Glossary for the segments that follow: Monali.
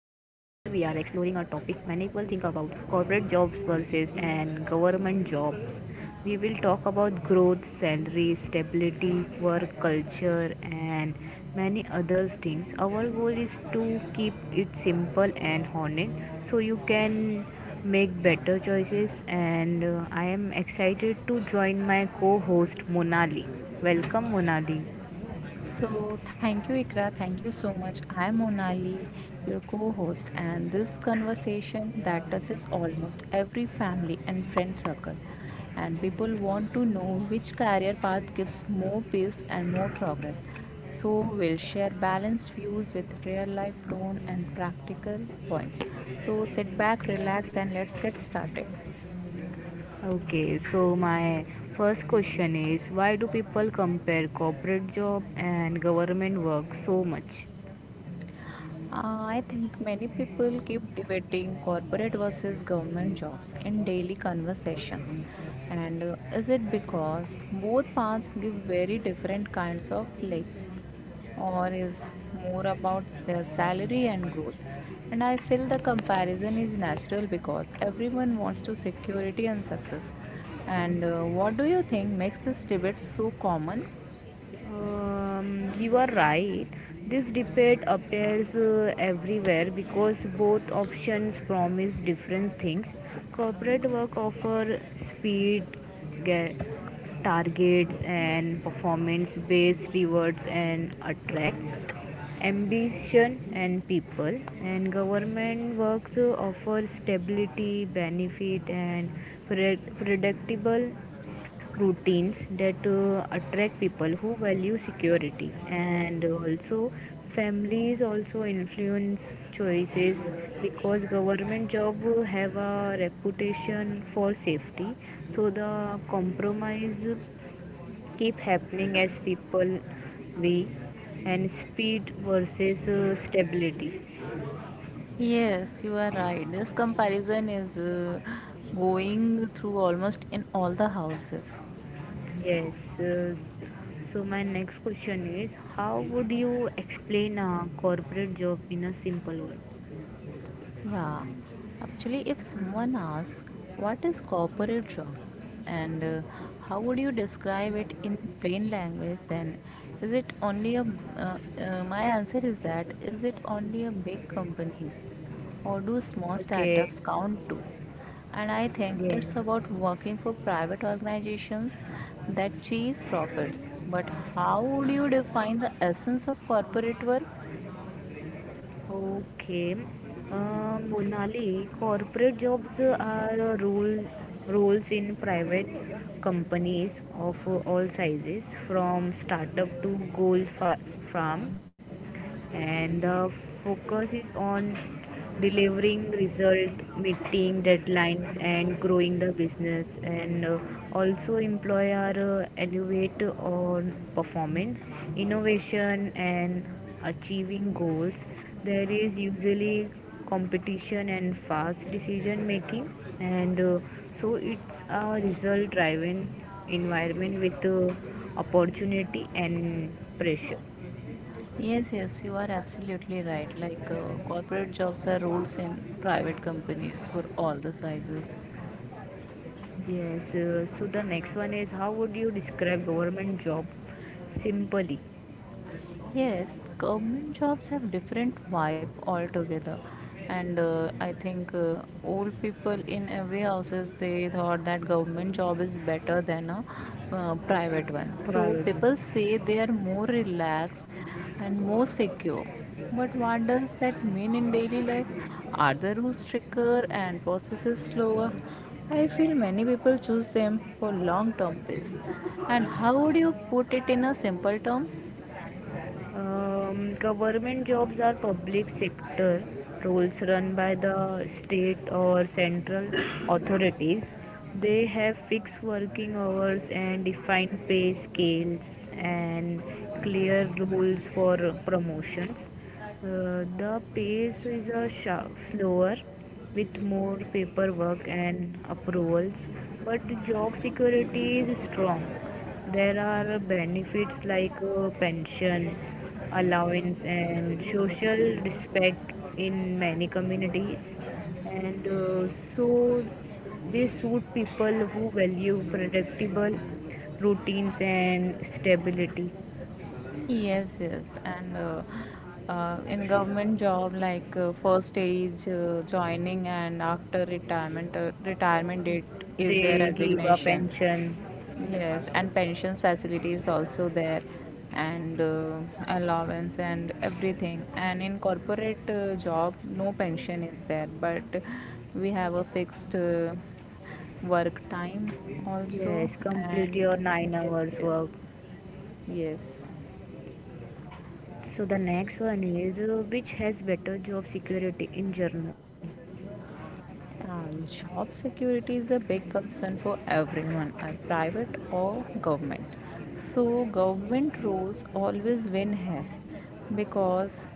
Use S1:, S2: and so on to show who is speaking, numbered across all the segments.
S1: a topic many people think about: corporate jobs versus and government jobs. We will talk about growth, salary, stability, work culture and many other things. Our goal is to keep it simple and honest so you can make better choices, and I am excited to join my co-host Monali. Welcome Monali.
S2: So, thank you, Ikra. Thank you so much. I'm Monali, your co host, and this conversation that touches almost every family and friend circle. And people want to know which career path gives more peace and more progress. So, we'll share balanced views with real life tone and practical points. So, sit back, relax, and let's get started.
S1: Okay, so my first question is why do people compare corporate job and government work so much?
S2: I think many people keep debating corporate versus government jobs in daily conversations. And is it because both paths give very different kinds of lives, or is more about their salary and growth? And I feel the comparison is natural because everyone wants to security and success. And what do you think makes this debate so common?
S1: You are right. This debate appears everywhere because both options promise different things. Corporate work offer speed, ga- targets, and performance-based rewards and attract ambition and people, and government works offer stability benefit and predictable routines that attract people who value security, and also families also influence choices because government job have a reputation for safety. So the compromise keep happening as people we and speed versus stability.
S2: Yes, you are right. This comparison is going through almost in all the houses.
S1: Yes, uh, so my next question is how would you explain a corporate job in a simple word?
S2: Yeah, actually, if someone asks what is corporate job and how would you describe it in plain language, then is it only a my answer is that is it only a big companies or do small
S1: Okay.
S2: startups count too? And I think it's
S1: Yes.
S2: about working for private organizations that chase profits. But how would you define the essence of corporate work?
S1: Okay. Monali, corporate jobs are rules, roles in private companies of all sizes, from startup to gold fa- farm, and the focus is on delivering result, meeting deadlines, and growing the business. And also employer elevate on performance, innovation, and achieving goals. There is usually competition and fast decision making, and so it's a result driven environment with opportunity and pressure.
S2: Yes, yes, you are absolutely right. Like corporate jobs are roles in private companies for all the sizes.
S1: Yes, so the next one is how would you describe government job simply,
S2: Yes, government jobs have different vibe altogether, and I think old people in every houses they thought that government job is better than a private one. So
S1: privately?
S2: people say they are more relaxed and more secure. But what does that mean in daily life? Are the rules stricter and processes slower? I feel many people choose them for long-term peace. And how would you put it in a simple terms?
S1: Government jobs are public sector roles run by the state or central authorities. They have fixed working hours and defined pay scales and clear rules for promotions. The pace is a sha slower with more paperwork and approvals, but the job security is strong. There are benefits like pension, allowance, and social respect in many communities. And so they suit people who value predictable routines and stability.
S2: Yes, yes, and in government job, like first age joining and after retirement, retirement date is their
S1: They give a
S2: resignation.
S1: pension.
S2: Yes, and pensions facility is also there, and allowance and everything. And in corporate job, no pension is there, but we have a fixed work time also,
S1: Yes, complete
S2: and
S1: your nine
S2: yes,
S1: hours
S2: yes,
S1: work.
S2: yes.
S1: So the next one is which has better job security in general.
S2: Job security is a big concern for everyone, private or government. So, government roles always win here because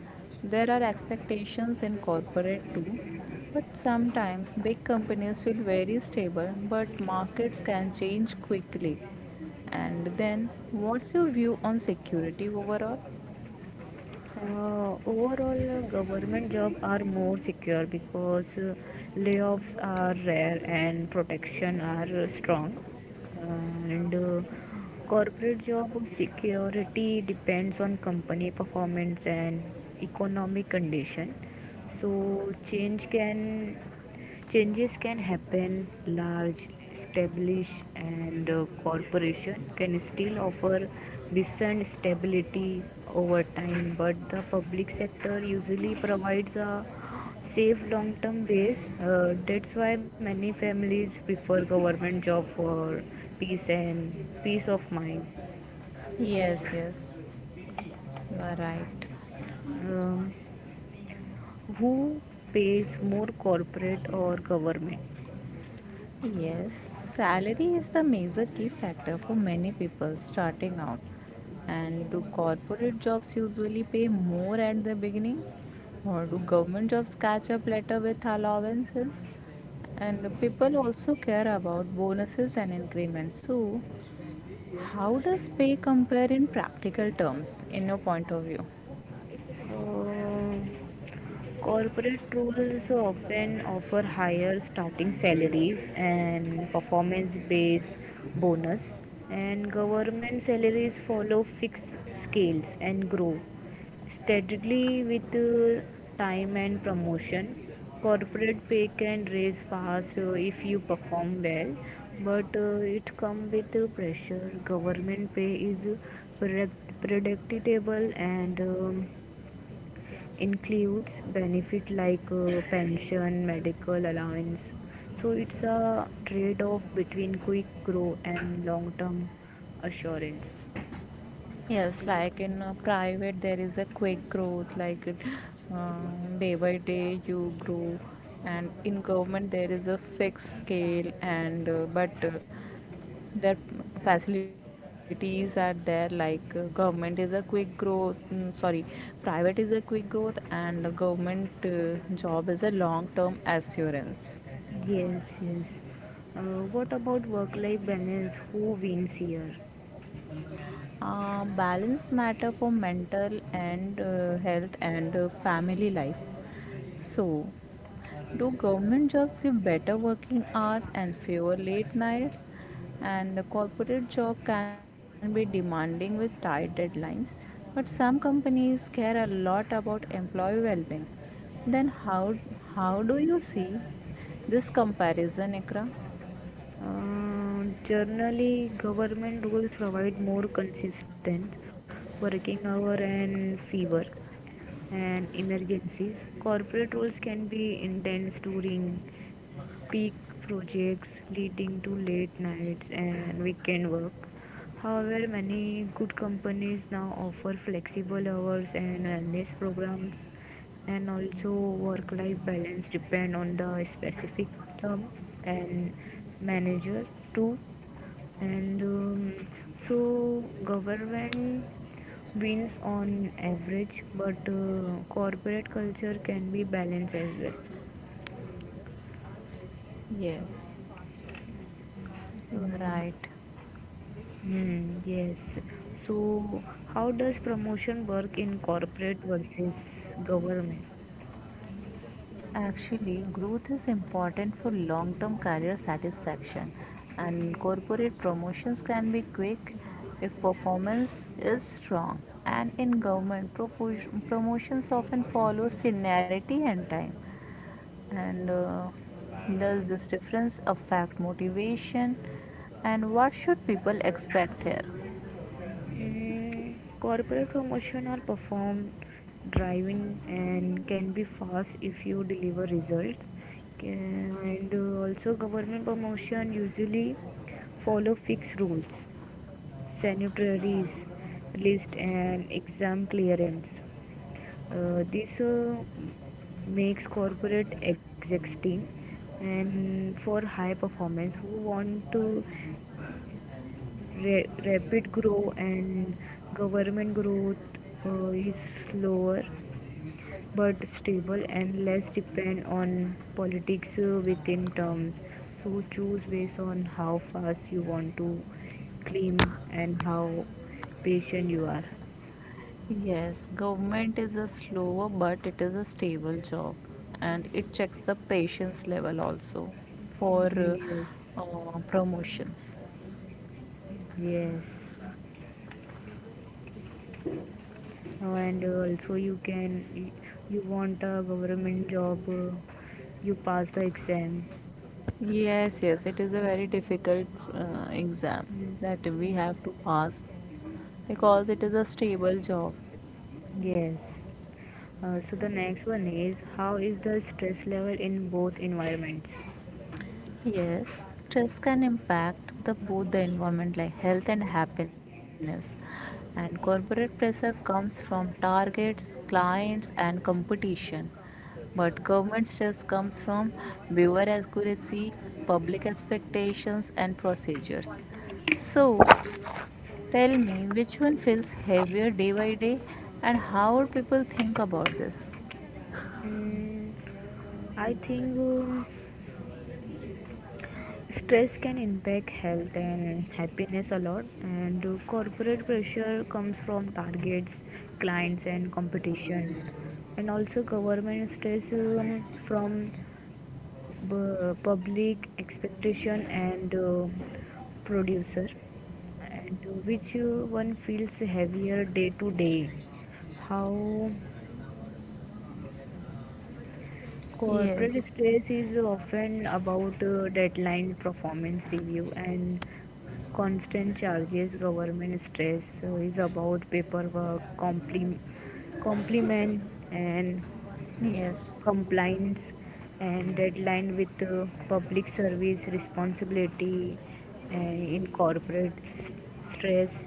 S2: there are expectations in corporate too. But sometimes big companies feel very stable, but markets can change quickly. And then, what's your view on security overall?
S1: Overall, government jobs are more secure because layoffs are rare and protection are strong. And corporate job security depends on company performance and economic condition. So change can Changes can happen. Large established and corporation can still offer decent stability over time, but the public sector usually provides a safe long-term base. That's why many families prefer government job for peace and peace of mind.
S2: Yes, yes, you are right.
S1: Um, who pays more, corporate or government?
S2: Yes, salary is the major key factor for many people starting out. And do corporate jobs usually pay more at the beginning? Or do government jobs catch up later with allowances? And people also care about bonuses and increments. So, how does pay compare in practical terms, in your point of view?
S1: Uh, Corporate roles often offer higher starting salaries and performance based bonus, and government salaries follow fixed scales and grow steadily with time and promotion. Corporate pay can raise fast if you perform well, but it comes with pressure. Government pay is predictable and includes benefit like pension, medical allowance. So it's a trade-off between quick growth and long-term assurance.
S2: Yes, like in private, there is a quick growth, like it, day by day you grow, and in government there is a fixed scale, and but their facilities are there. Like government is a quick growth, mm, sorry, private is a quick growth, and government job is a long term assurance.
S1: Yes, yes. What about work-life balance? Who wins here?
S2: Balance matter for mental and health and family life. So, do government jobs give better working hours and fewer late nights? And the corporate job can be demanding with tight deadlines, but some companies care a lot about employee well-being. Then how do you see this comparison, Ikra?
S1: Generally, government rules provide more consistent working hour and fever and emergencies. Corporate rules can be intense during peak projects, leading to late nights and weekend work. However, many good companies now offer flexible hours and wellness programs, and also work life balance depend on the specific term and manager too. And so government wins on average, but corporate culture can be balanced as well.
S2: Yes, you are right.
S1: Hmm, yes. So, how does promotion work in corporate versus government?
S2: Actually, growth is important for long term career satisfaction, and corporate promotions can be quick if performance is strong. And in government, promotions often follow seniority and time. And does this difference affect motivation? And what should people expect here?
S1: Corporate promotion are performed driving and can be fast if you deliver results. Can- And also, government promotion usually follow fixed rules, sanitaries, list, and exam clearance. This makes corporate execs team and for high performance who want to rapid grow, and government growth is slower but stable and less depend on politics within terms. So choose based on how fast you want to claim and how patient you are.
S2: Yes, government is a slower but it is a stable job and it checks the patient's level also for
S1: Mhm. Yes.
S2: promotions.
S1: Yes. And also you can you want a government job, you pass the exam.
S2: Yes, yes, it is a very difficult exam
S1: Mm,
S2: that we have to pass because it is a stable job.
S1: yes. So the next one is how is the stress level in both environments?
S2: Yes, stress can impact the both the environment like health and happiness. And corporate pressure comes from targets, clients, and competition. But government stress comes from viewer accuracy, public expectations, and procedures. So, tell me which one feels heavier day by day, and how would people think about this?
S1: Mm, i think um, stress can impact health and happiness a lot, and corporate pressure comes from targets, clients, and competition. And also government stress from public expectation and producer. And which one feels heavier day to day, how? Corporate
S2: Yes.
S1: stress is often about deadline performance review and constant charges. Government stress is about paperwork compliment and
S2: Yes.
S1: compliance and deadline with public service responsibility. And in corporate stress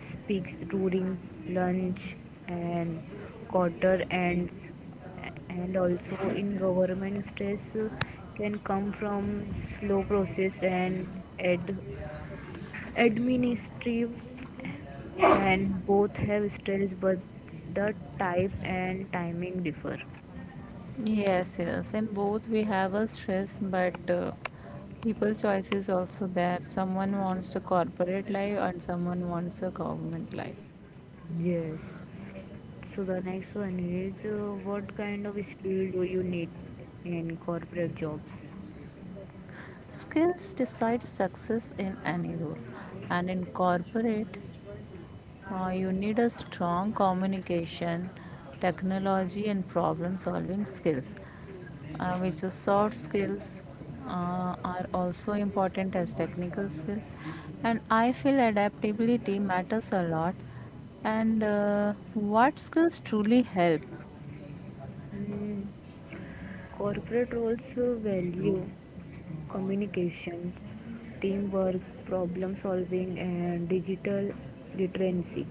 S1: speaks during lunch and quarter ends, and also in government stress can come from slow process and ad- administrative. And both have stress, but the type and timing differ.
S2: Yes, yes. In both we have a stress, but people choices also there. Someone wants the corporate life and someone wants a government life.
S1: Yes. So the next one is what kind of skill do you need in corporate jobs?
S2: Skills decide success in any role, and in corporate you need a strong communication, technology, and problem solving skills, which are soft skills are also important as technical skills. And I feel adaptability matters a lot. And what skills truly help?
S1: Mm, Corporate roles value communications, teamwork, problem solving, and digital literacy.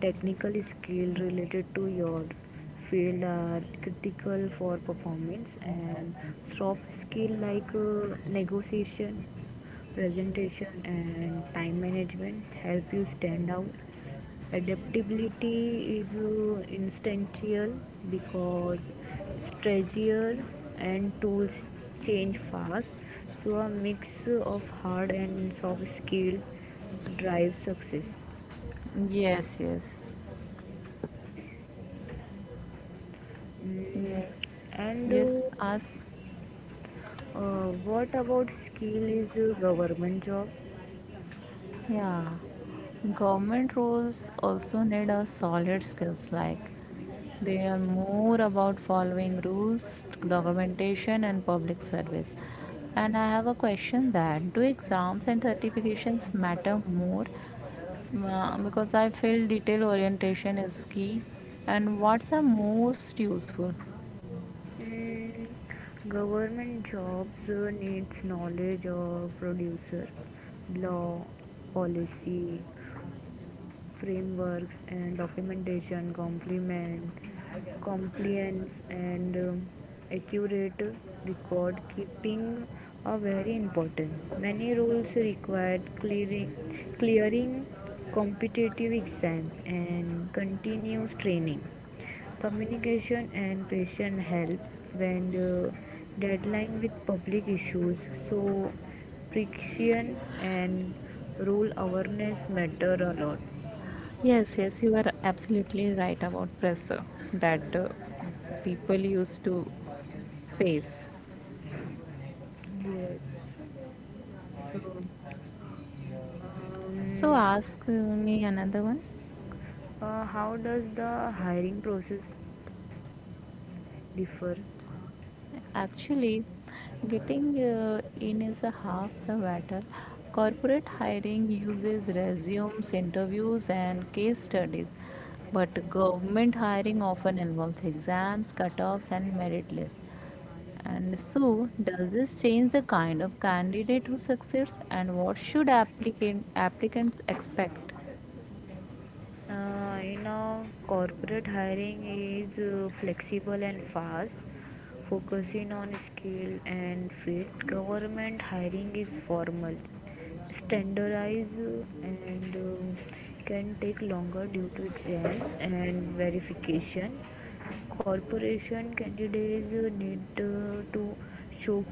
S1: Technical skills related to your field are critical for performance, and soft skill like negotiation, presentation, and time management help you stand out. Adaptability is instantial because strategies and tools change fast. So a mix of hard and soft skill drives success.
S2: Yes, yes,
S1: Mm.
S2: yes,
S1: and
S2: yes.
S1: uh,
S2: Ask.
S1: uh, what about skill is a government job?
S2: Yeah, government roles also need a solid skills like they are more about following rules, documentation and public service. And I have a question that do exams and certifications matter more? Because I feel detail orientation is key and what's the most useful?
S1: Mm, Government jobs needs knowledge of producer, law, policy, frameworks and documentation, complement, compliance, and accurate record keeping are very important. Many rules required clearing competitive exam and continuous training, communication, and patient help when deadline with public issues. So friction and rule awareness matter a lot.
S2: Yes, yes, you are absolutely right about pressure that people used to face.
S1: Yes. So,
S2: So
S1: um,
S2: ask me another one.
S1: how does the hiring process differ?
S2: Actually, getting in is a half the battle. Corporate hiring uses resumes, interviews, and case studies, but government hiring often involves exams, cutoffs, and merit lists. And so, does this change the kind of candidate who succeeds, and what should applicants expect?
S1: You know, corporate hiring is flexible and fast, focusing on skill and fit. Government hiring is formal, standardized, and can take longer due to exams and verification. Corporation candidates need to show,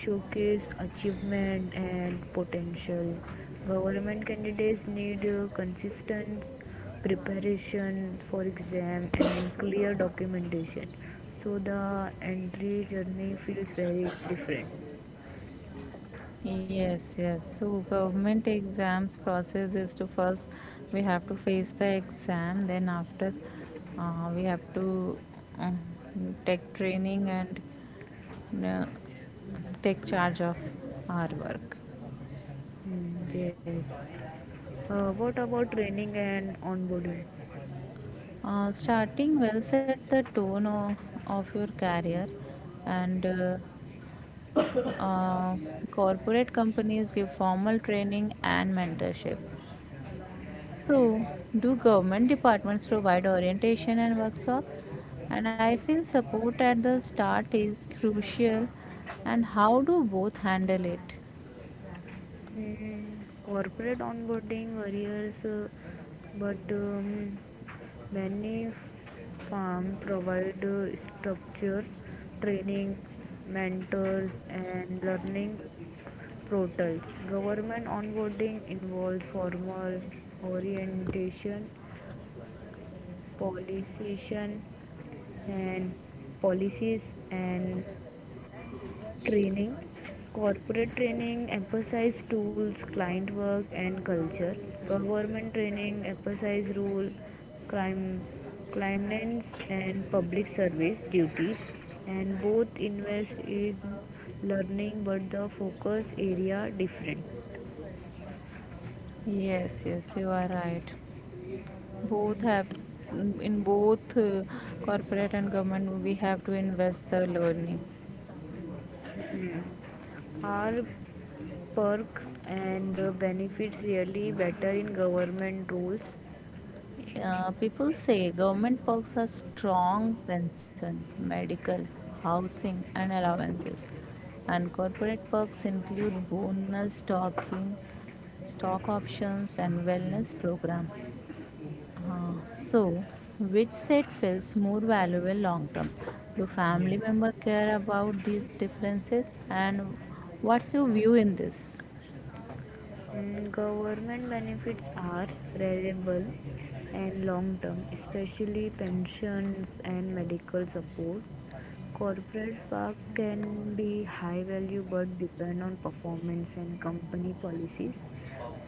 S1: showcase achievement and potential. Government candidates need consistent preparation for exam and clear documentation. So the entry journey feels very different.
S2: Yes, yes. So government exams process is to first we have to face the exam, then after we have to uh, take training and uh, take charge of our work.
S1: Mm, yes. What about training and onboarding?
S2: Starting well set the tone of your career, and uh, corporate companies give formal training and mentorship. So, do government departments provide orientation and workshop? And I feel support at the start is crucial. And how do both handle it?
S1: Corporate onboarding varies, but many firms provide structure, training, mentors, and learning portals. Government onboarding involves formal orientation, policies, and policies, and training. Corporate training emphasize tools, client work, and culture. Government training emphasize rule, clim- climates, and public service duties. And both invest in learning, but the focus area different.
S2: Yes, yes, you are right. Both have in both corporate and government we have to invest the learning.
S1: Are perks and benefits really better in government roles?
S2: People say government perks are strong pension, medical, housing, and allowances. And corporate perks include bonus stocking, stock options, and wellness program. So, which set feels more valuable long term? Do family member care about these differences? And what's your view in this?
S1: Government benefits are reliable and long term, especially pensions and medical support. Corporate work can be high value but depend on performance and company policies.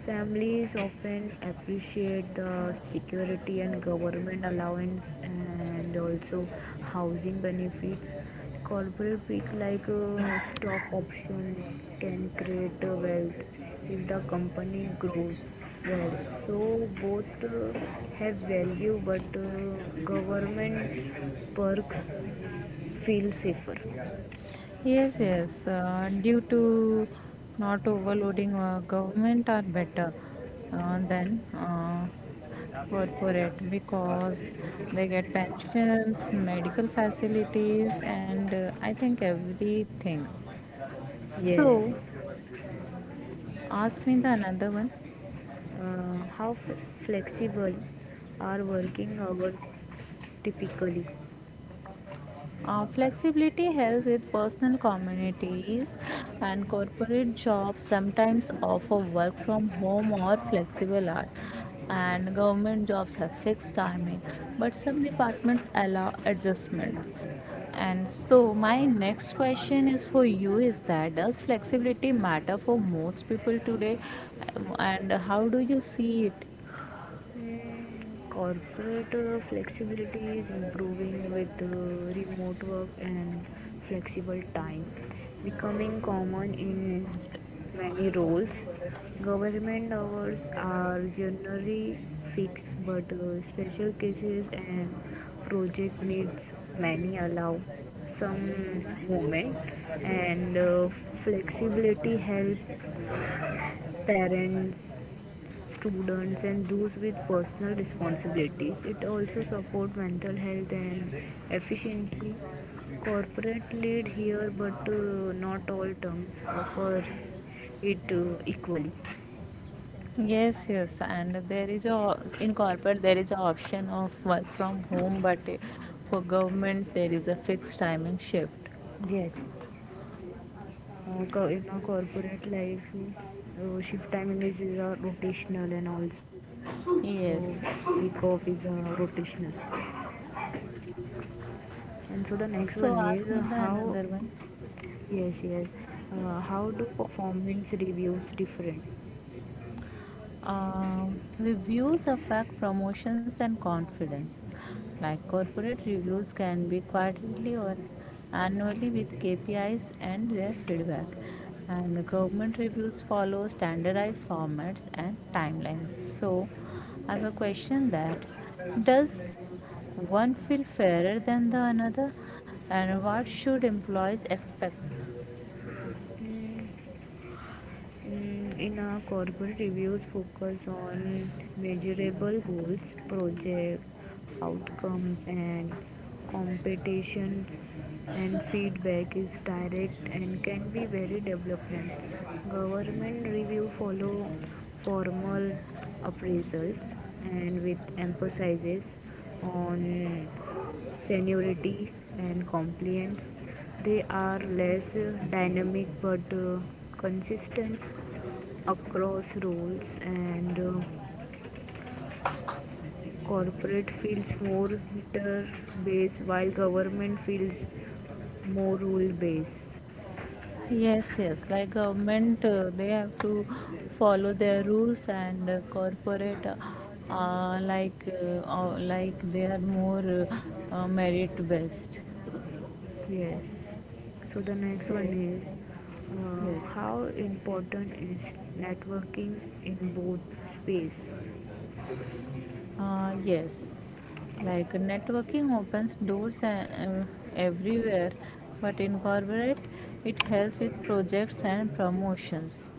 S1: Families often appreciate the security and government allowance and also housing benefits. Corporate pick like stock option can create wealth if the company grows well. So both have value, but government perks feel safer.
S2: Yes, yes. Due to not overloading government are better than corporate because they get pensions, medical facilities, and I think everything.
S1: Yes.
S2: So, ask me the another one.
S1: How flexible are working hours typically?
S2: Flexibility helps with personal communities and corporate jobs sometimes offer work from home or flexible hours and government jobs have fixed timing but some departments allow adjustments and so my next question is for you is that does flexibility matter for most people today? And how do you see it?
S1: Corporate flexibility is improving, with remote work and flexible time becoming common in many roles. Government hours are generally fixed, but special cases and project needs many allow some movement. And flexibility helps parents, students, and those with personal responsibilities. It also supports mental health and efficiency. Corporate lead here, but not all terms offer it equally.
S2: Yes, yes, and there is a in corporate there is a option of work from home, but eh, for government there is a fixed timing shift.
S1: Yes. In our corporate life, shift timing is rotational, and also week off
S2: Yes,
S1: is
S2: yes.
S1: rotational. And so the next one
S2: So
S1: is
S2: ask me the
S1: how.
S2: another one.
S1: Yes, yes. How do performance reviews different?
S2: Uh, Reviews affect promotions and confidence. Like corporate reviews can be quarterly or annually with KPIs and their feedback. And the government reviews follow standardized formats and timelines. So, I have a question that does one feel fairer than the another, and what should employees expect?
S1: Mm, In our corporate reviews, focus on measurable goals, project outcomes, and competitions, and feedback is direct and can be very development. Government review follow formal appraisals, and with emphasis on seniority and compliance, they are less dynamic but consistent across roles. And Corporate feels more meter based, while government feels more rule based.
S2: Yes, yes. Like government, they have to follow their rules and corporate, like they are more merit based.
S1: Yes, so the next one
S2: So,
S1: is uh,
S2: yes,
S1: how important is networking in both space?
S2: yes. Like networking opens doors everywhere, but in corporate, it helps with projects and promotions.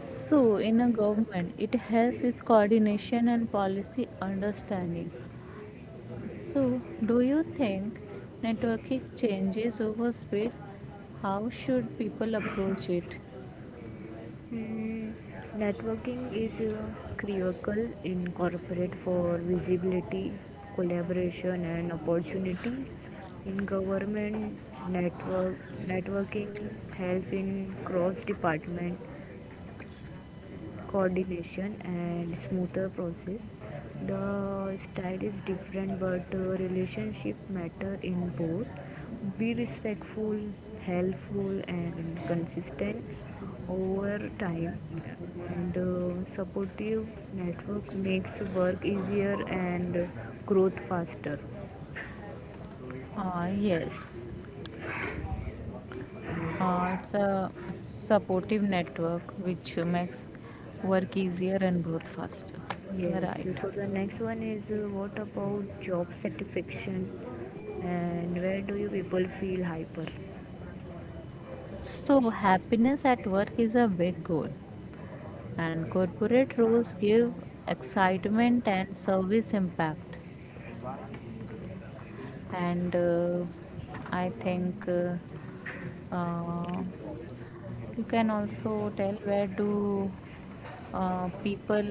S2: So, in a government, it helps with coordination and policy understanding. So, do you think networking changes over speed? How should people approach it?
S1: Mm, Networking is critical in corporate for visibility, collaboration, and opportunity. In government, network networking help in cross department coordination and smoother process. The style is different, but relationship matter in both. Be respectful, helpful, and consistent over time. And supportive network makes work easier and growth faster.
S2: Yes, it's a supportive network which makes work easier and growth faster. You're
S1: Yes.
S2: right.
S1: So the next one is what about job satisfaction, and where do you people feel hyper?
S2: So, happiness at work is a big goal, and corporate roles give excitement and service impact. And I think uh, you can also tell where do people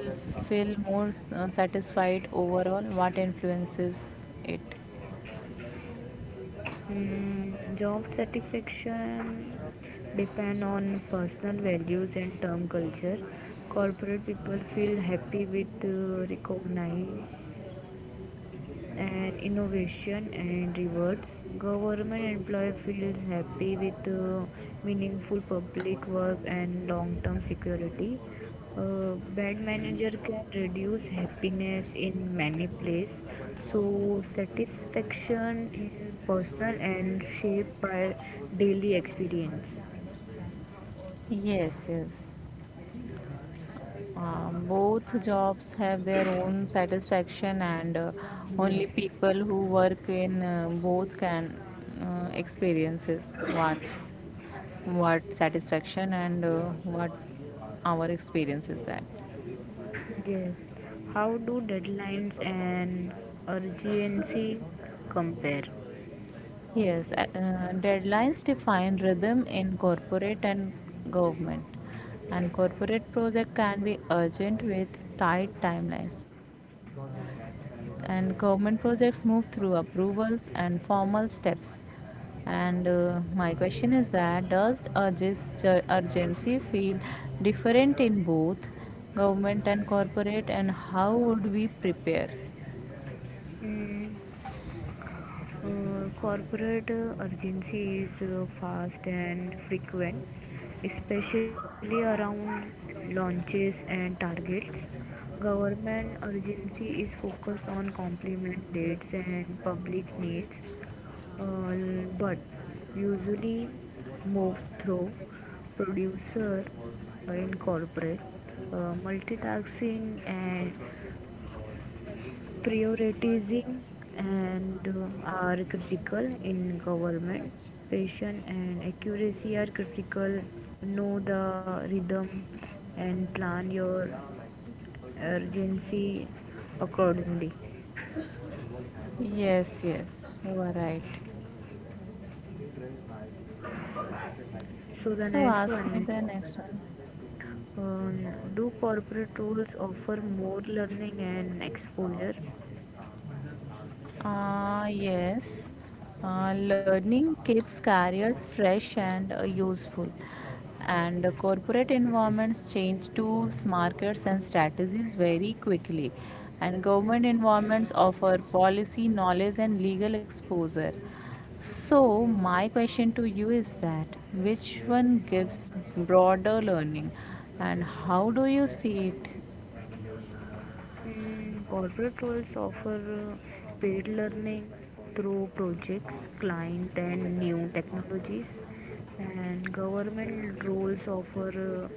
S2: feel more satisfied overall, what influences it.
S1: Job satisfaction depend on personal values and term culture. Corporate people feel happy with recognize and innovation and rewards. Government employee feels happy with meaningful public work and long-term security. Bad manager can reduce happiness in many places. So satisfaction in personal and shaped by daily experience.
S2: Yes, yes. Both jobs have their own satisfaction, and only
S1: Yes.
S2: people who work in both can experiences what satisfaction and what our experience is that.
S1: Yes. How do deadlines and urgency compare?
S2: Yes, deadlines define rhythm in corporate and government. And corporate project can be urgent with tight timelines. And government projects move through approvals and formal steps. And my question is that does urgency feel different in both government and corporate and how would we prepare?
S1: Mm, corporate urgency is fast and frequent, especially around launches and targets. Government urgency is focused on complement dates and public needs, uh, but usually moves through producer in corporate. Multitasking and prioritizing and are critical in government. Patient and accuracy are critical. Know the rhythm and plan your urgency accordingly.
S2: Yes, yes, you are right.
S1: So the
S2: So
S1: next
S2: ask me
S1: one.
S2: the next one.
S1: um, do corporate roles offer more learning and exposure?
S2: Ah, yes. Learning keeps careers fresh and useful. And corporate environments change tools, markets, and strategies very quickly. And government environments offer policy, knowledge, and legal exposure. So, my question to you is that which one gives broader learning and how do you see it?
S1: Corporate roles offer paid learning through projects, client, and new technologies, and government roles offer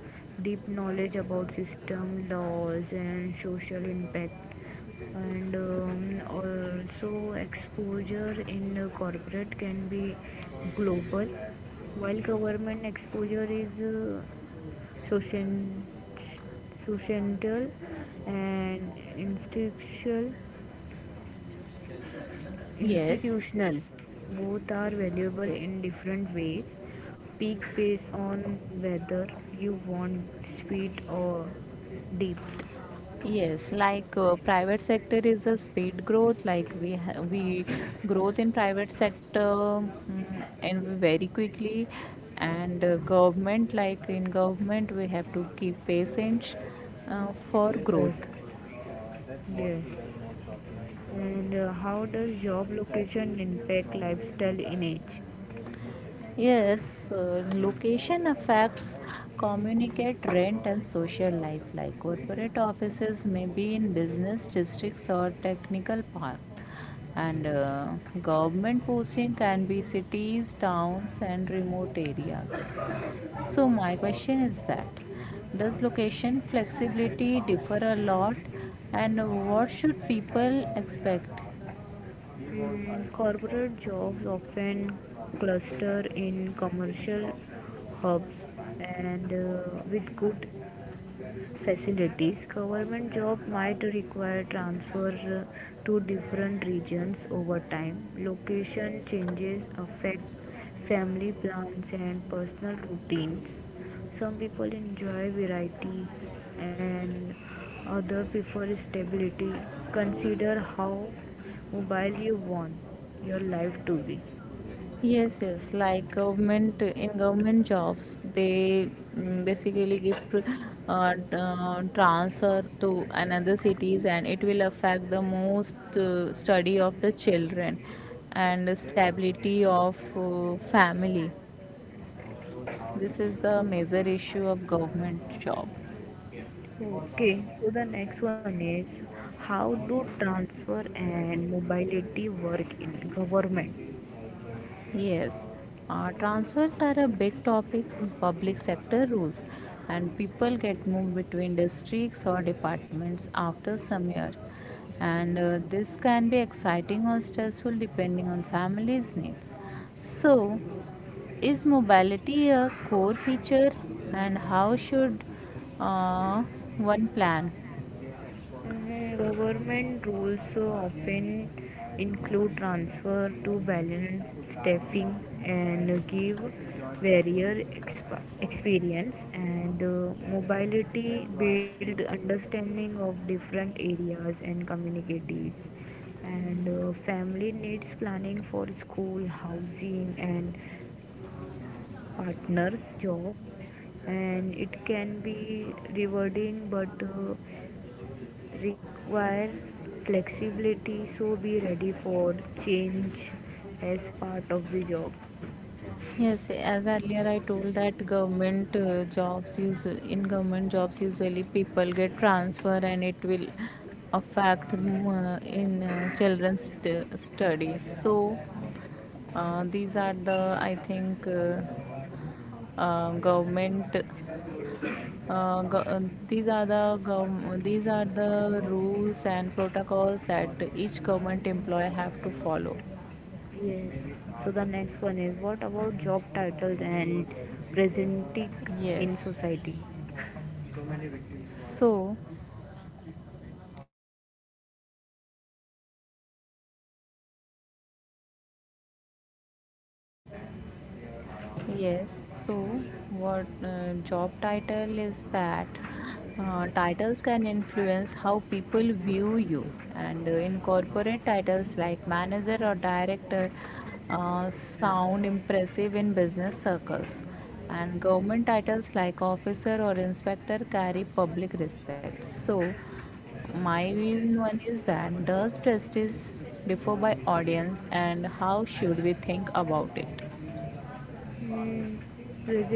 S1: deep knowledge about system, laws, and social impact. And also exposure in corporate can be global, while government exposure is social- societal and institutional.
S2: Yes,
S1: institutional Both are
S2: yes.
S1: valuable in different ways. Peak based on whether you want speed or depth.
S2: Yes, like private sector is a speed growth. Like we growth in private sector mm, and very quickly, and government like in government we have to keep patience for
S1: Yes,
S2: growth.
S1: yes. And how does job location impact lifestyle in age?
S2: Yes, location affects communicate rent and social life like corporate offices may be in business districts or technical park and government posting can be cities, towns and remote areas. So my question is that does location flexibility differ a lot and what should people expect?
S1: Corporate jobs often cluster in commercial hubs and with good facilities. Government job might require transfer to different regions over time. Location changes affect family plans and personal routines. Some people enjoy variety and other prefer stability. Consider how mobile you want your life to be.
S2: Yes, yes. Like government in government jobs, they basically give transfer to another cities, and it will affect the most study of the children and the stability of family. This is the major issue of government job.
S1: Okay, so the next one is, how do transfer and mobility work in government?
S2: Yes, transfers are a big topic in public sector rules, and people get moved between districts or departments after some years. And This can be exciting or stressful depending on family's needs. So, is mobility a core feature, and how should uh, one plan?
S1: Mhm. Government rules so often include transfer to balance staffing and give barrier experience, and mobility build understanding of different areas and communities, and family needs planning for school housing and partners jobs, and it can be rewarding but require flexibility. So be ready for change as part of the job.
S2: Yes, as earlier I told that government jobs use in government jobs usually people get transfer and it will affect in children's studies. So these are the I think government. Go- these are the these are the rules and protocols that each government employee have to follow.
S1: Yes. So the next one is, what about job titles and presenting in
S2: Yes.
S1: society?
S2: So. Yes, you can tell. Yes, so what job title is that? Titles can influence how people view you, and in corporate titles like manager or director sound impressive in business circles, and government titles like officer or inspector carry public respect. So, my view one is that does prestige differ by audience, and how should we think about it?
S1: Visiting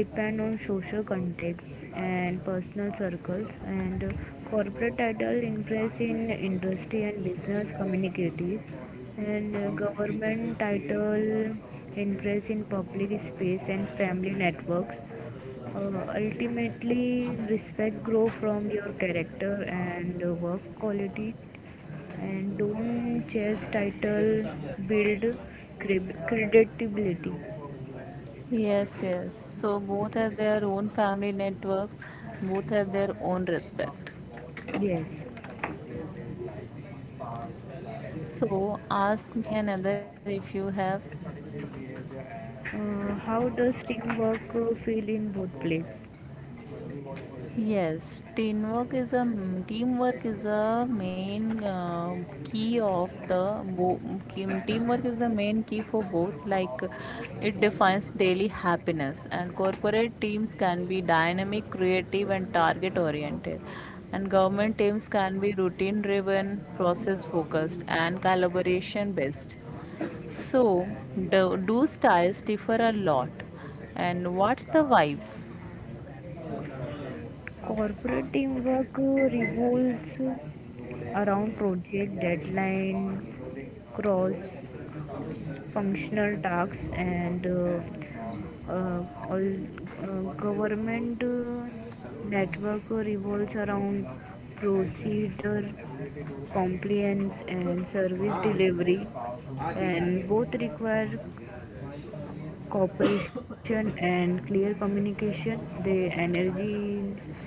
S1: depend on social context and personal circles, and corporate title influence in industry and business communicative, and government title influence in public space and family networks. Ultimately respect grow from your character and work quality, and don't chase title, build credibility.
S2: Yes, yes. So both have their own family networks, both have their own respect.
S1: Yes.
S2: So ask me another if you have.
S1: How does teamwork feel in both places?
S2: Yes, teamwork is a main key of the bo- kim- teamwork is the main key for both. Like it defines daily happiness, and corporate teams can be dynamic, creative, and target oriented, and government teams can be routine driven, process focused, and collaboration based. So, do styles differ a lot? And what's the vibe?
S1: Corporate teamwork revolves around project deadline, cross functional tasks, and all. Government network revolves around procedure compliance and service delivery, and both require cooperation and clear communication. The energy is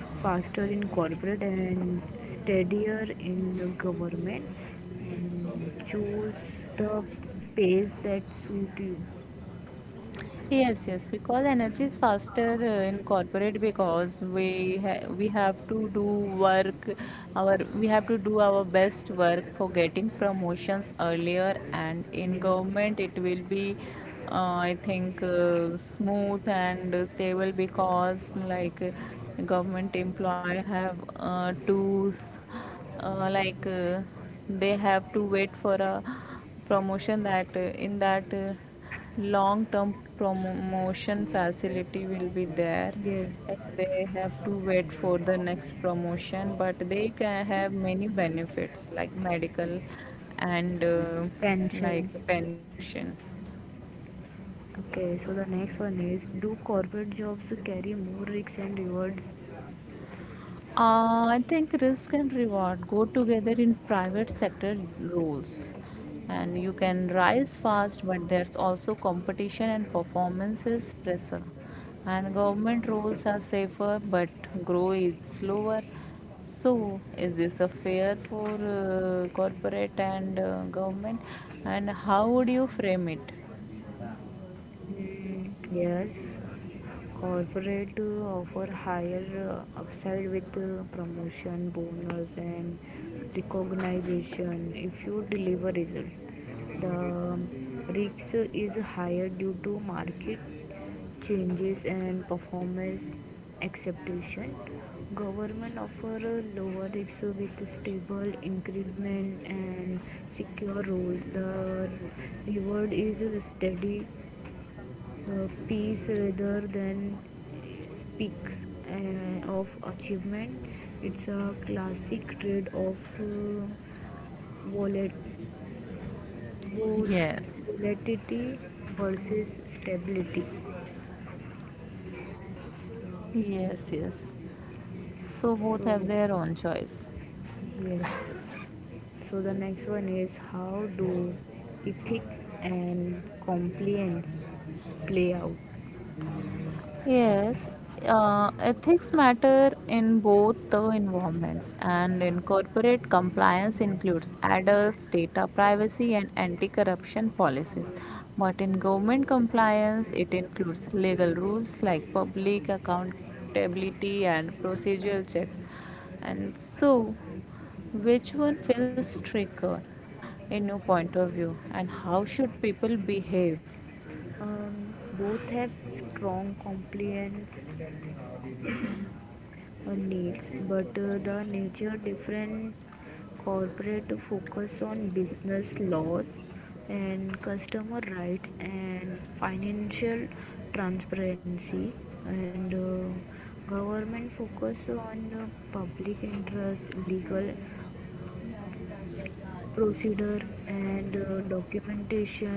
S1: faster in corporate and steadier in the government, and choose the pace that suit you.
S2: Yes, yes, because energy is faster in corporate because we have to do work our we have to do our best work for getting promotions earlier, and in
S1: Yes,
S2: government it will be I think smooth and stable because government employee have to s- like they have to wait for a promotion, that in that long term promotion facility will be there,
S1: yes.
S2: like they have to wait for the next promotion but they can have many benefits like medical and like
S1: Pension.
S2: pension.
S1: Okay, so the next one is, do corporate jobs carry more risks and rewards?
S2: I think risk and reward go together in private sector roles. And you can rise fast, but there's also competition and performances pressure. And government roles are safer, but grow is slower. So, is this a fair for corporate and government? And how would you frame it?
S1: Yes, corporate offer higher upside with promotion, bonus, and recognition if you deliver result. The risk is higher due to market changes and performance acceptation. Government offer a lower risk with stable increment and secure roles. The reward is steady peace rather than speaks of achievement. It's a classic trade of volat- vol-
S2: Yes.
S1: volatility versus stability.
S2: Yes, yes. So, both
S1: So,
S2: have their own choice.
S1: yes. So the next one is, how do ethics and compliance play out?
S2: Yes, ethics matter in both the environments, and in corporate compliance includes adults, data privacy, and anti-corruption policies. But in government compliance, it includes legal rules like public accountability and procedural checks. And so, which one feels trickier in your point of view, and how should people behave?
S1: Both have strong compliance needs, but the nature different. Corporate focus on business laws and customer rights and financial transparency, and government focus on public interest legal procedure and documentation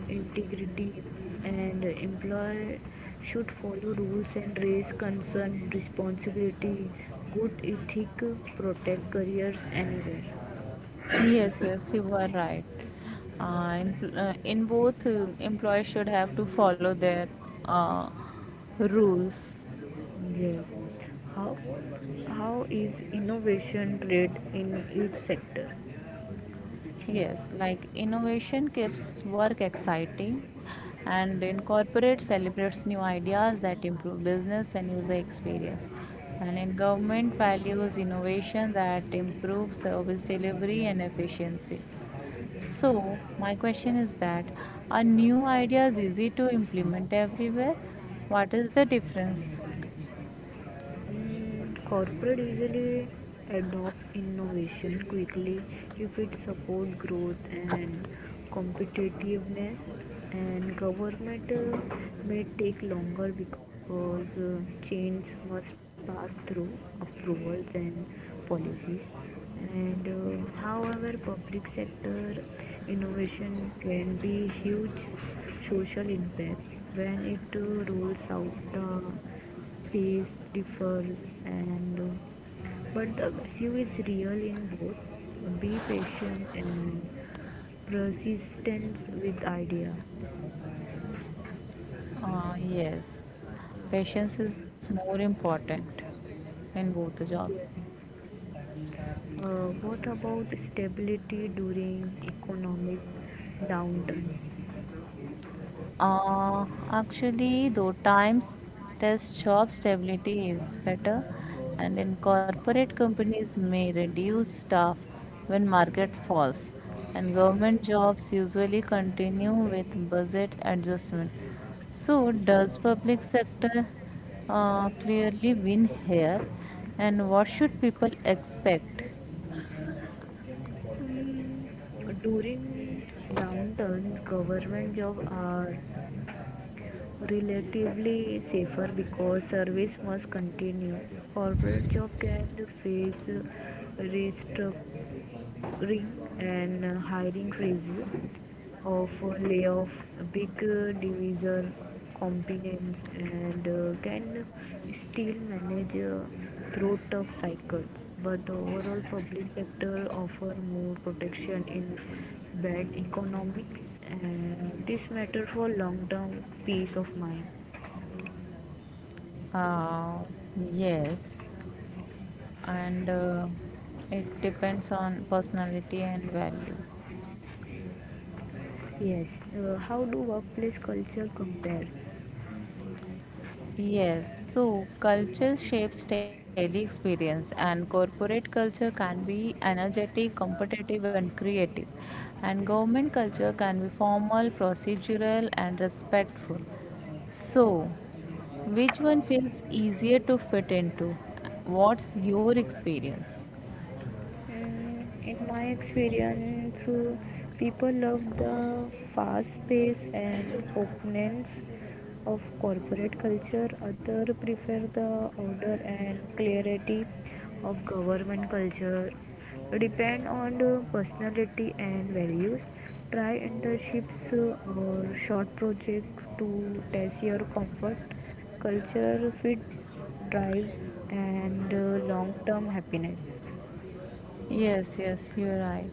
S1: integrity, and employee should follow rules and raise concern responsibility. Good ethic protect careers anywhere.
S2: Yes, yes, you are right. In in both, employers should have to follow their uh, rules.
S1: Yeah. how how is innovation rate in each sector?
S2: Yes, like innovation keeps work exciting, and incorporate celebrates new ideas that improve business and user experience. And in government values innovation that improves service delivery and efficiency. So, my question is that are new ideas easy to implement everywhere? What is the difference?
S1: Corporate usually adopts innovation quickly if it supports growth and competitiveness, and government may take longer because change must pass through approvals and policies. And however, public sector innovation can be huge social impact when it rules out. The pace differs, and but the value is real in both. Be patient and persistence with idea.
S2: Yes, patience is more important in both the jobs.
S1: What about stability during economic downturn?
S2: Uh, actually, though times test job stability is better, and in corporate companies may reduce staff when market falls, and government jobs usually continue with budget adjustment. So, does public sector clearly win here, and what should people expect?
S1: During downturns, government jobs are relatively safer because service must continue. Corporate job can face restructuring, agree, and hiring freezes of layoff. Big divisor competence, and can still manage through tough cycles, but overall public sector offer more protection in bad economics, and this matter for long term peace of mind.
S2: Uh, yes. And it depends on personality and values.
S1: Yes. How do workplace culture compares?
S2: Yes, so culture shapes daily experience, and corporate culture can be energetic, competitive, and creative. And government culture can be formal, procedural, and respectful. So, which one feels easier to fit into? What's your experience?
S1: In my experience, people love the fast pace and openness of corporate culture. Others prefer the order and clarity of government culture. Depend on the personality and values. Try internships or short projects to test your comfort. Culture fit drives and long term happiness.
S2: Yes, yes, you're right.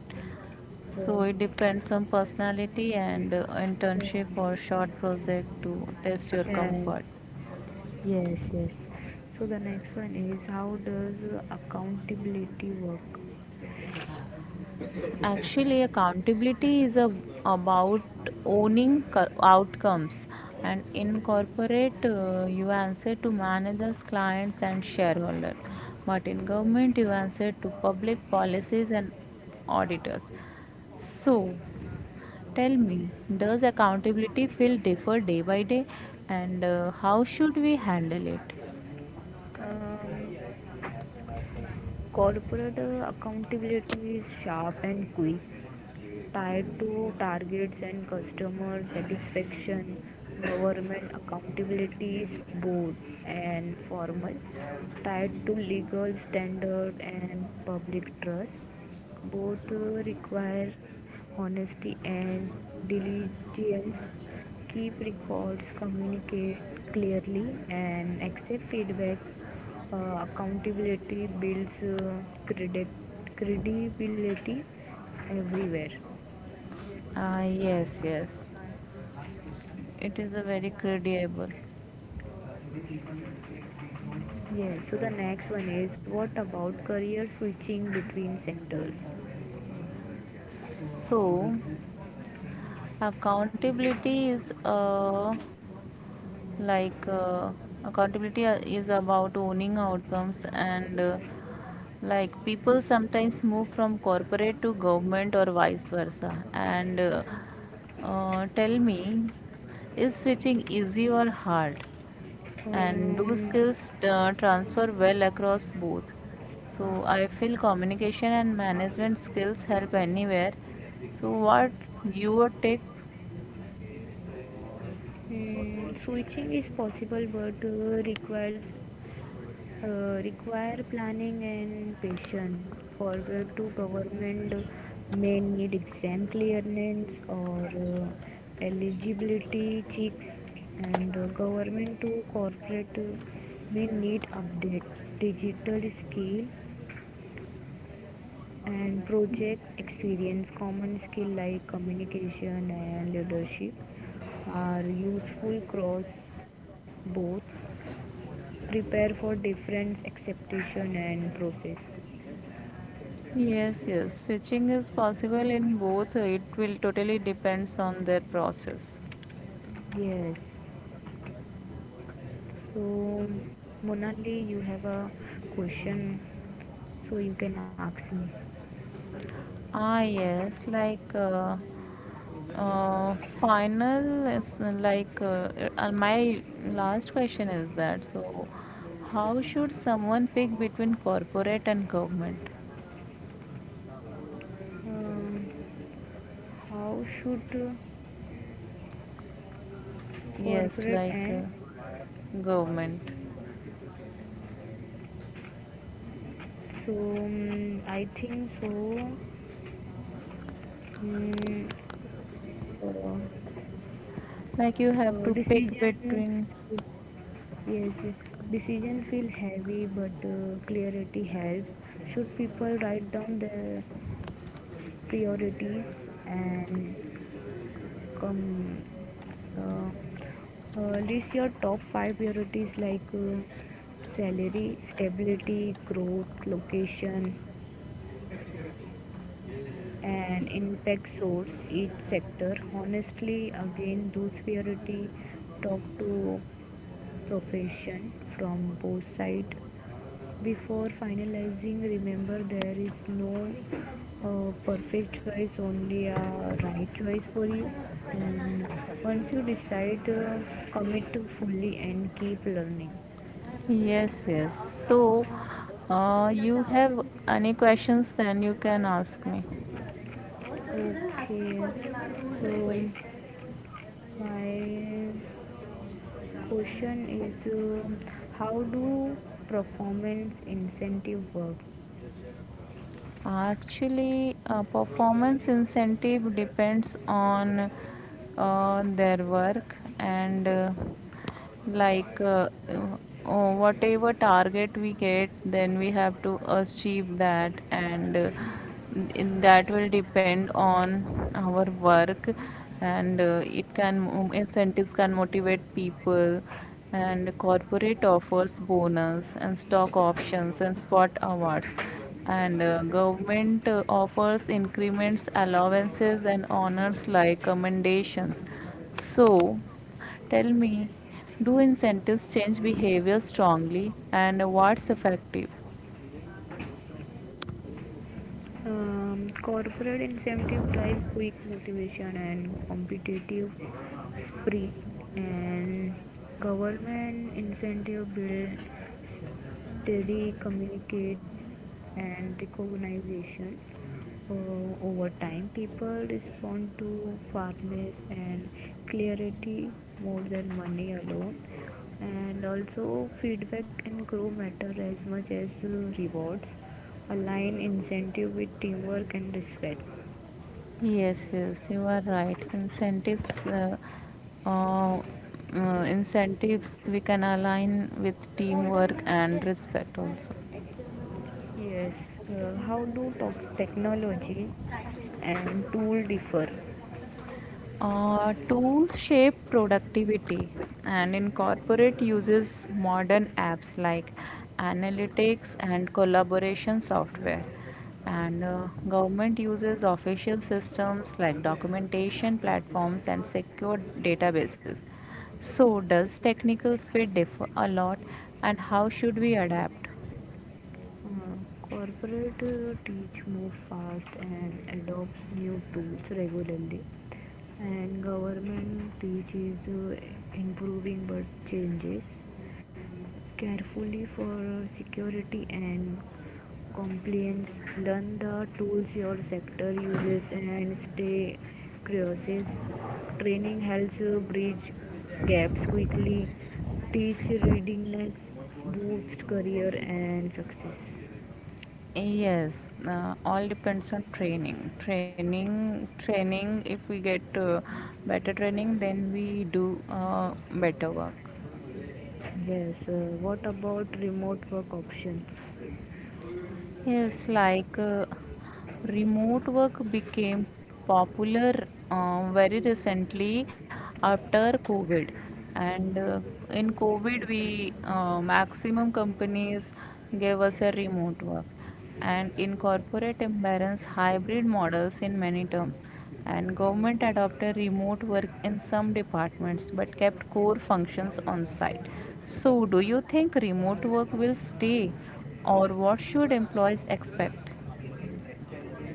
S2: So
S1: So,
S2: it depends on personality and internship or short project to test your
S1: Sharon,
S2: comfort.
S1: yes, yes. So the next one is, how does accountability work?
S2: Actually accountability is a, about owning outcomes, and incorporate you answer to managers, clients and shareholders, but in government you answer to public policies and auditors. So tell me, does accountability feel differ day by day, and how should we handle it?
S1: Um, Corporate accountability is sharp and quick, tied to targets and customer satisfaction. Government accountability is bold and formal, tied to legal standard and public trust. Both require honesty and diligence. Keep records, communicate clearly, and accept feedback. Accountability builds credibility everywhere.
S2: Ah, yes, yes, it is a very credible.
S1: Yes, so the next one is, what about career switching between sectors?
S2: So accountability is like uh, accountability is about owning outcomes, and like people sometimes move from corporate to government or vice versa. And Tell me, is switching easy or hard? And do
S1: Um,
S2: skills transfer well across both? So I feel communication and management skills help anywhere. So what your take?
S1: Switching is possible, but uh, require planning and patience. For to government may need exam clearance or eligibility checks, and government to corporate may need update digital skill and project experience. Common skill like communication and leadership are useful cross both. Prepare for different acceptation and process.
S2: Yes, yes. Switching is possible in both. It will totally depends on their process.
S1: Yes. So, Monali, you have a question, so you can ask me.
S2: Ah, yes. Like final is like My last question is that so how should someone pick between corporate and government?
S1: um, how should
S2: Yes,
S1: corporate end?
S2: government.
S1: I think so. mm, uh,
S2: Like you have to pick
S1: Decision.
S2: between.
S1: Yes, yes. Decision feel heavy, but clarity helps. Should people write down their priorities and come? uh, List your top five priorities like uh, salary, stability, growth, location, and impact. Source each sector honestly, again those priority. Talk to profession from both sides. Before finalizing, remember there is no perfect choice, only a right choice for you. And once you decide, commit to fully and keep learning.
S2: Yes, yes. So, you have any questions, then you can ask me.
S1: Okay, so my question is, how do performance incentive work?
S2: Actually, performance incentive depends on their work, and like uh, whatever target we get, then we have to achieve that, and that will depend on our work, and it can incentives can motivate people, and corporate offers bonus and stock options and spot awards, and government offers increments, allowances and honors like commendations. So tell me, do incentives change behavior strongly and what's effective?
S1: Corporate incentive drive quick motivation and competitive spirit, and government incentive build steady communicate and recognition. Uh, Over time, people respond to fairness and clarity more than money alone, and also feedback and grow matter as much as rewards. Align incentive with teamwork and respect.
S2: Yes, yes, you are right. Incentives we can align with teamwork and respect also.
S1: Yes. How do technology and tool differ?
S2: Tools shape productivity, and incorporate uses modern apps like analytics and collaboration software, and government uses official systems like documentation platforms and secure databases. So does technical speed differ a lot, and how should we adapt?
S1: uh, Corporate teach move fast and adopts new tools regularly, and government teaches improving, but changes carefully for security and compliance. Learn the tools your sector uses and stay curious. Training helps bridge gaps quickly, teach readiness, boost career and success.
S2: Yes, all depends on training. Training. If we get better training, then we do better work.
S1: Yes. What about remote work options?
S2: Yes, remote work became popular very recently after COVID, and in COVID, we maximum companies gave us a remote work, and in corporate imbalance hybrid models in many terms, and government adopted remote work in some departments but kept core functions on site. So, do you think remote work will stay, or what should employees expect?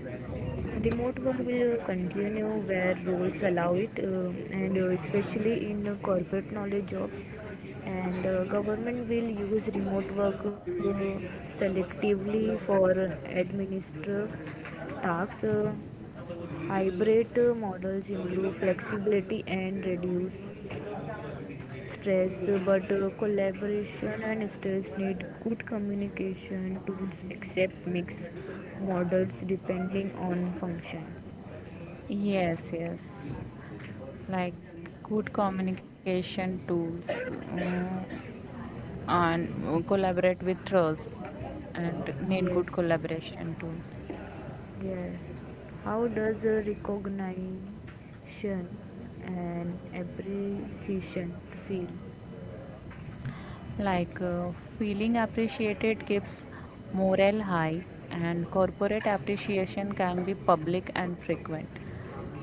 S1: Remote work will continue where roles allow it, and especially in corporate knowledge jobs. And government will use remote work selectively for administrative tasks. Hybrid models improve flexibility and reduce stress, but collaboration and stress need good communication tools, except mixed models depending on functions.
S2: Yes, yes. Like good communication tools, and collaborate with trust and need good
S1: Yes,
S2: collaboration tools.
S1: yes. How does recognition and appreciation feel?
S2: Like feeling appreciated keeps morale high, and corporate appreciation can be public and frequent.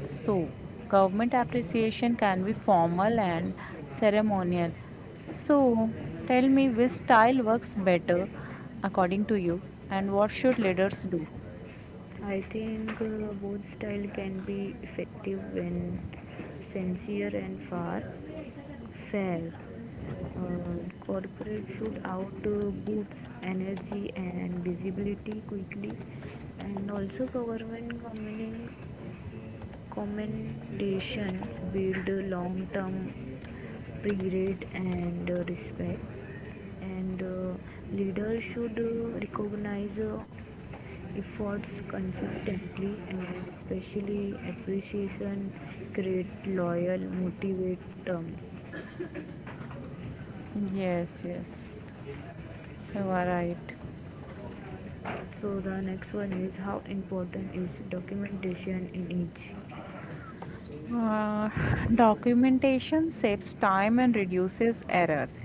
S2: So, government appreciation can be formal and ceremonial. So, tell me which style works better according to you, and what should leaders do?
S1: I think both style can be effective when sincere and far fair. Uh, Corporate should outboots energy and visibility quickly, and also government commendations build a long-term pride and respect, and leaders should recognize efforts consistently, and especially appreciation create loyal, motivate terms.
S2: Yes, yes, you are right.
S1: So the next one is, how important is documentation in each?
S2: Uh, documentation saves time and reduces errors,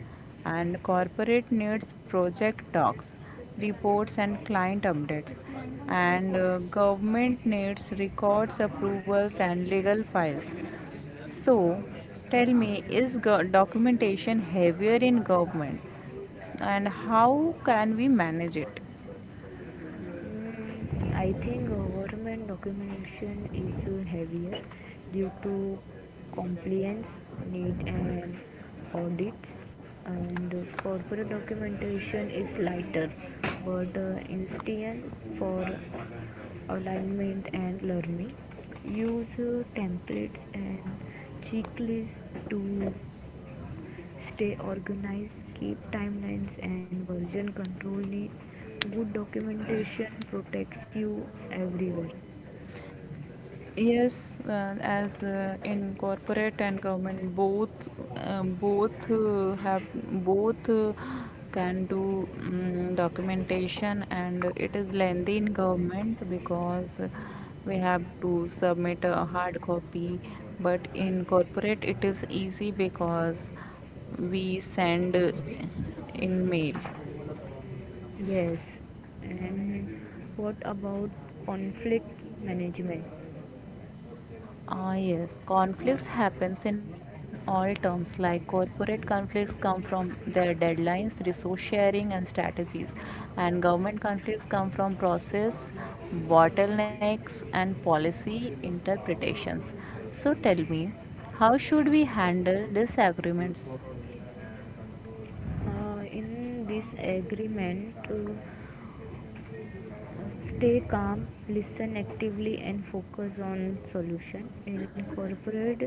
S2: and corporate needs project docs, reports, and client updates, and government needs records, approvals, and legal files. So, tell me, is documentation heavier in government, and how can we manage it?
S1: I think government documentation is heavier due to compliance need and audits, and corporate documentation is lighter, but instant for alignment and learning. Use templates and checklists to stay organized, keep timelines and version control neat. Good documentation protects you everywhere.
S2: Yes, as in corporate and government, both have both can do documentation, and it is lengthy in government because we have to submit a hard copy. But in corporate, it is easy because we send in mail.
S1: Yes. And what about conflict management?
S2: Ah, yes, conflicts happens in all terms, like corporate conflicts come from their deadlines, resource sharing and strategies, and government conflicts come from process, bottlenecks and policy interpretations. So tell me, how should we handle disagreements?
S1: In this agreement, uh, stay calm, listen actively, and focus on solution. In corporate,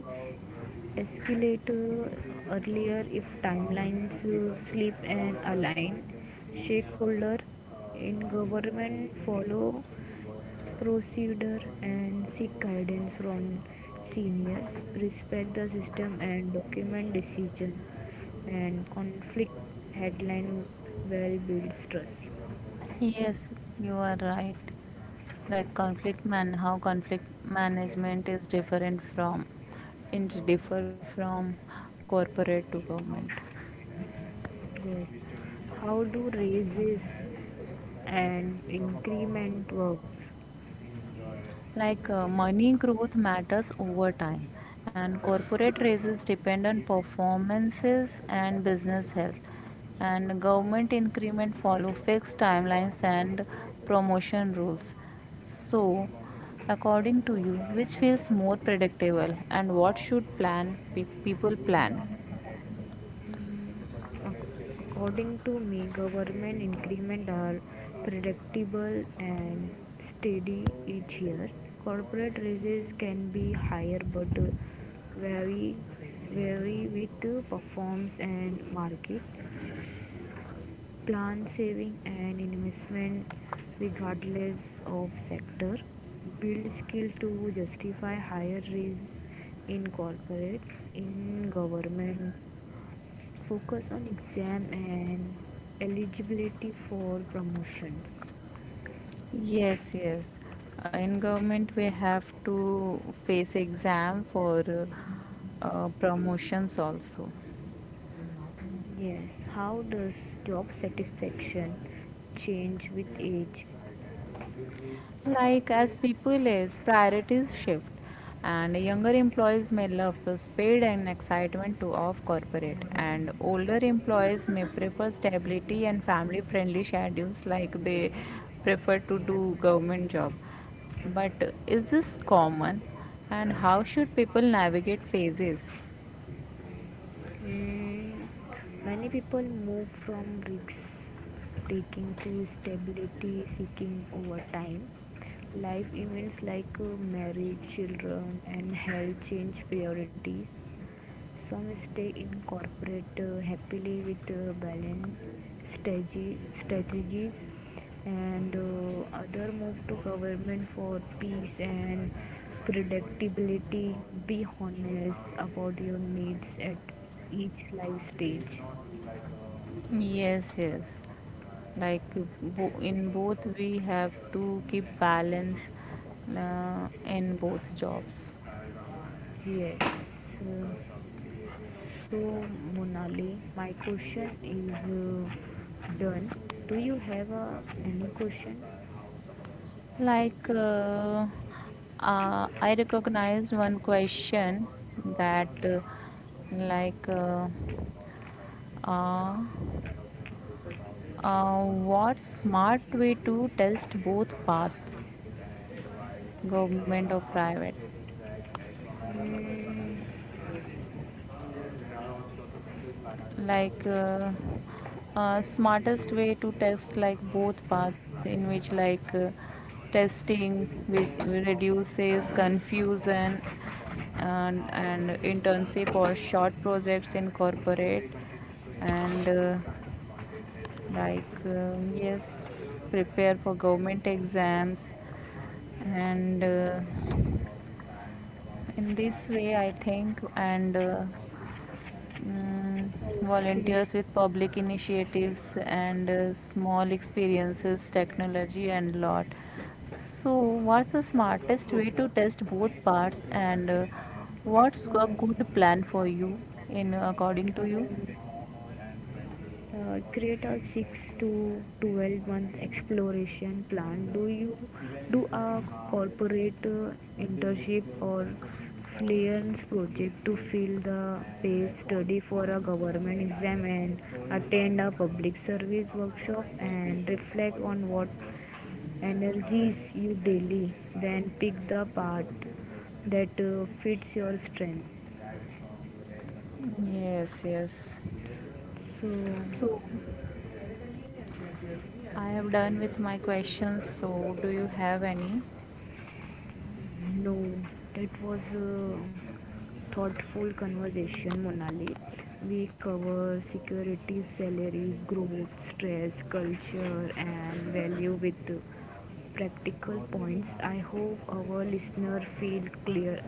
S1: escalate earlier if timelines slip and align. Stakeholder in government follow procedure and seek guidance from senior. Respect the system and document decision. And conflict headline well builds trust.
S2: Yes, you are right. Like conflict man how conflict management is different from, it differ from corporate to government.
S1: Yes. How do raises and increment works?
S2: Like money growth matters over time, and corporate raises depend on performances and business health, and government increment follow fixed timelines and promotion rules. So, according to you, which feels more predictable, and what should people plan?
S1: According to me, government increment are predictable and steady each year. Corporate raises can be higher but vary, vary with performance and market. Plan saving and investment regardless of sector. Build skill to justify higher raise in corporate, in government. Focus on exam and eligibility for promotions.
S2: Yes, yes. In government, we have to face exam for promotions also.
S1: Yes. How does job satisfaction change with age?
S2: Like as people age, priorities shift, and younger employees may love the speed and excitement to of corporate, and older employees may prefer stability and family-friendly schedules, like they prefer to do government job. But is this common, and how should people navigate phases?
S1: Mm, Many people move from risk taking to stability seeking over time. Life events like marriage, children, and health change priorities. Some stay incorporate happily with balanced strategies, and other move to government for peace and predictability. Be honest about your needs at each life stage.
S2: Yes, yes, like in both we have to keep balance in both jobs.
S1: Yes. uh, so, Monali, my question is done. Do you have any question?
S2: like uh, I recognized one question that like uh, uh, uh, what smart way to test both paths, government or private?
S1: Mm,
S2: like uh, Smartest way to test like both paths, in which testing which reduces confusion, and internship or short projects in corporate, and yes prepare for government exams, and in this way I think, and mm,
S1: okay.
S2: volunteers with public initiatives, and small experiences, technology, and lot. So, what's the smartest way to test both parts, and what's a good plan for you, in according to you?
S1: Create a 6 to 12 month exploration plan. Do you do a corporate internship or freelance project to fill the pace, study for a government exam, and attend a public service workshop, and reflect on what energies you daily? Then pick the path that fits your strength.
S2: Yes, yes.
S1: So
S2: So, I have done with my questions. So, do you have any?
S1: no, that was a thoughtful conversation, Monali. We cover security, salary, growth, stress, culture, and value with practical points. I hope our listener feel clear,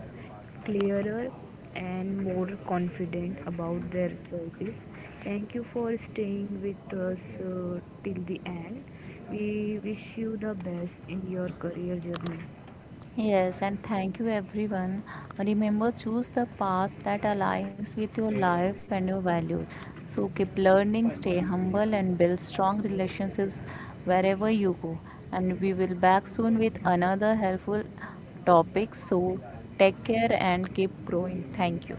S1: clearer and more confident about their choices. Thank you for staying with us till the end. We wish you the best in your career journey.
S2: Yes, and thank you everyone. Remember, choose the path that aligns with your life and your values. So keep learning, stay humble, and build strong relationships wherever you go. And we will back soon with another helpful topic. So take care and keep growing. Thank you.